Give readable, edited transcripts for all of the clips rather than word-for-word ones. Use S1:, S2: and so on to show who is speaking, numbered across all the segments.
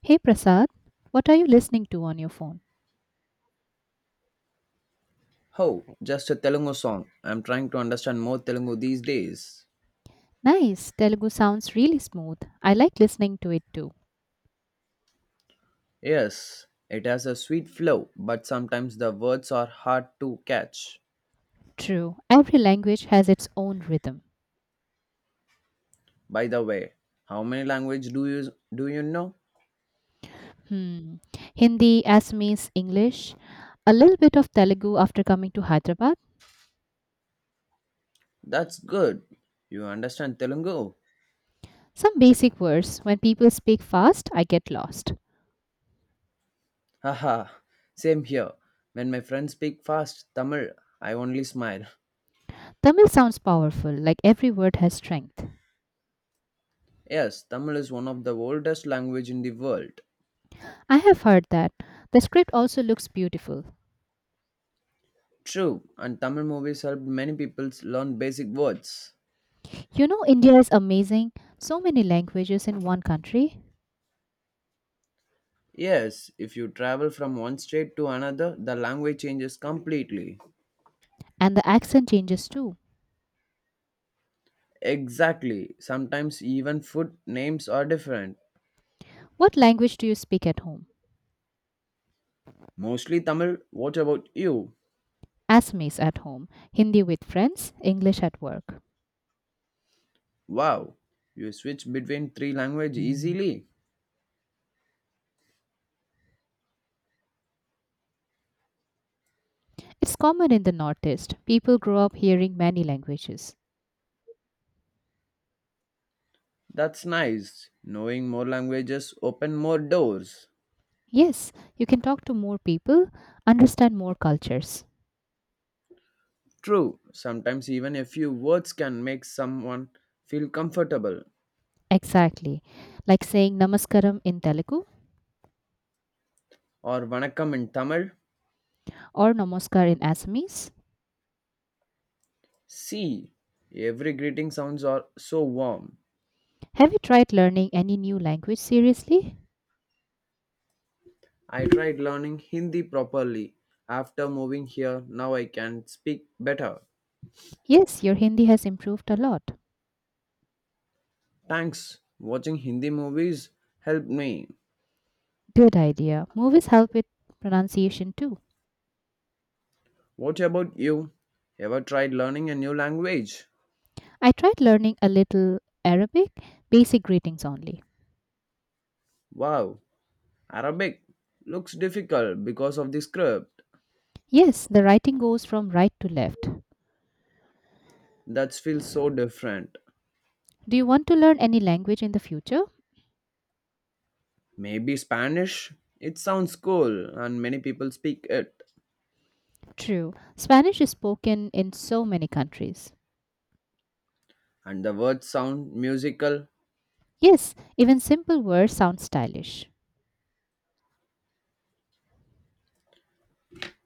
S1: Hey Prasad, what are you listening to on your phone?
S2: Oh, just a Telugu song. I'm trying to understand more Telugu these days.
S1: Nice, Telugu sounds really smooth. I like listening to it too.
S2: Yes, it has a sweet flow, but sometimes the words are hard to catch.
S1: True, every language has its own rhythm.
S2: By the way, how many language do you know?
S1: Hmm, Hindi, Assamese, English, a little bit of Telugu after coming to Hyderabad,
S2: That's good. You understand Telugu?
S1: some basic words. When people speak fast, I get lost.
S2: Haha. Same here. When my friends speak fast Tamil, I only smile.
S1: Tamil sounds powerful, like every word has strength.
S2: Yes, Tamil is one of the oldest language in the world.
S1: I have heard that. The script also looks beautiful.
S2: True, and Tamil movies helped many people learn basic words.
S1: You know, India is amazing. So many languages in one country.
S2: Yes, if you travel from one state to another, the language changes completely.
S1: And the accent changes too.
S2: Exactly. Sometimes even food names are different.
S1: What language do you speak at home?
S2: Mostly Tamil. What about you?
S1: Assamese at home, Hindi with friends, English at work.
S2: Wow. You switch between three languages easily.
S1: It's common in the Northeast. People grow up hearing many languages.
S2: That's nice. Knowing more languages open more doors.
S1: Yes, you can talk to more people, understand more cultures.
S2: True. Sometimes even a few words can make someone feel comfortable.
S1: Exactly. Like saying Namaskaram in Telugu
S2: Or vanakkam in Tamil.
S1: or Namaskar in Assamese.
S2: See, every greeting sounds are so warm.
S1: Have you tried learning any new language seriously?
S2: I tried learning Hindi properly after moving here. Now I can speak better.
S1: Yes, your Hindi has improved a lot.
S2: Thanks. Watching Hindi movies helped me.
S1: Good idea. Movies help with pronunciation too.
S2: What about you? Ever tried learning a new language?
S1: I tried learning a little Arabic, basic greetings only.
S2: Wow, Arabic looks difficult because of the script.
S1: Yes, the writing goes from right to left.
S2: That feels so different.
S1: Do you want to learn any language in the future?
S2: Maybe Spanish? It sounds cool and many people speak it.
S1: True. Spanish is spoken in so many countries.
S2: And the words sound musical.
S1: Yes, even simple words sound stylish.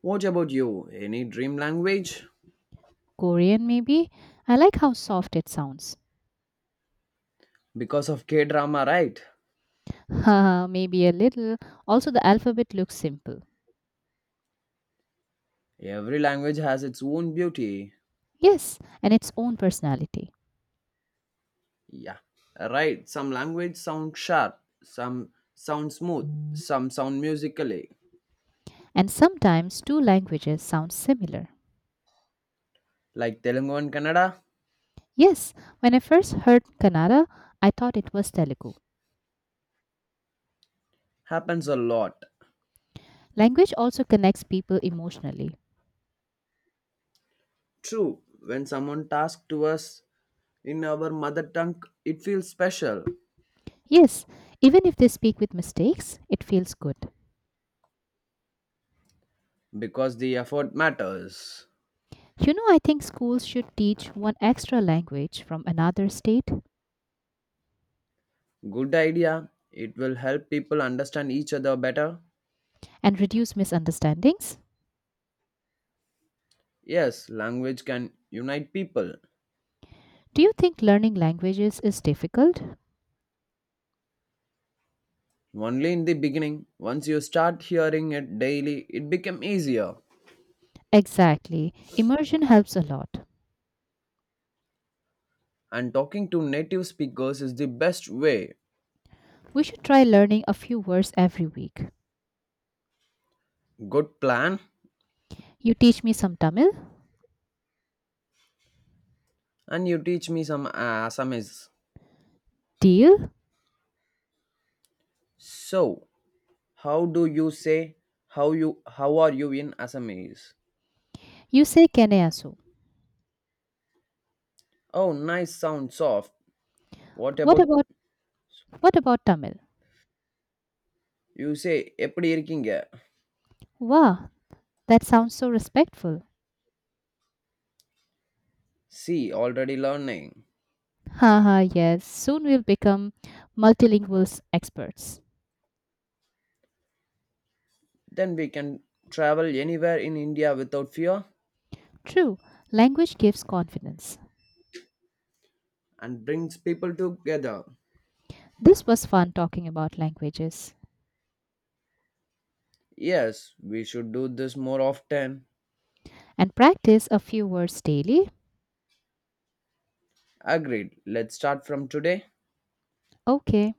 S2: What about you? Any dream language?
S1: Korean, maybe? I like how soft it sounds.
S2: Because of K drama, right?
S1: Haha, maybe a little. Also, the alphabet looks simple.
S2: Every language has its own beauty.
S1: Yes, and its own personality.
S2: Yeah, right. Some language sound sharp, some sound smooth, some sound musically.
S1: And sometimes two languages sound similar.
S2: Like Telugu and Kannada
S1: Yes, when I first heard Kannada, I thought it was Telugu.
S2: happens a lot.
S1: Language also connects people emotionally.
S2: True, when someone talks to us in our mother tongue, it feels special
S1: Yes, even if they speak with mistakes, it feels good.
S2: because the effort matters.
S1: You know, I think schools should teach one extra language from another state
S2: Good idea. It will help people understand each other better.
S1: and reduce misunderstandings.
S2: Yes, language can unite people.
S1: Do you think learning languages is difficult?
S2: Only in the beginning, once you start hearing it daily, it become easier.
S1: Exactly. Immersion helps a lot.
S2: And talking to native speakers is the best way.
S1: We should try learning a few words every week.
S2: Good plan.
S1: You teach me some Tamil?
S2: And you teach me some Assamese.
S1: Deal?
S2: So, how do you say how are you in Assamese?
S1: You say Keneasu.
S2: Oh, nice sound soft. What
S1: What
S2: about
S1: about what about Tamil?
S2: you say எப்படி இருக்கீங்க?
S1: Wow, that sounds so respectful.
S2: See, already learning.
S1: Haha, yes, soon we'll become multilingual experts.
S2: Then we can travel anywhere in India without fear
S1: True, language gives confidence.
S2: and brings people together.
S1: This was fun talking about languages.
S2: Yes, we should do this more often.
S1: And practice a few words daily.
S2: Agreed. Let's start from today.
S1: Okay.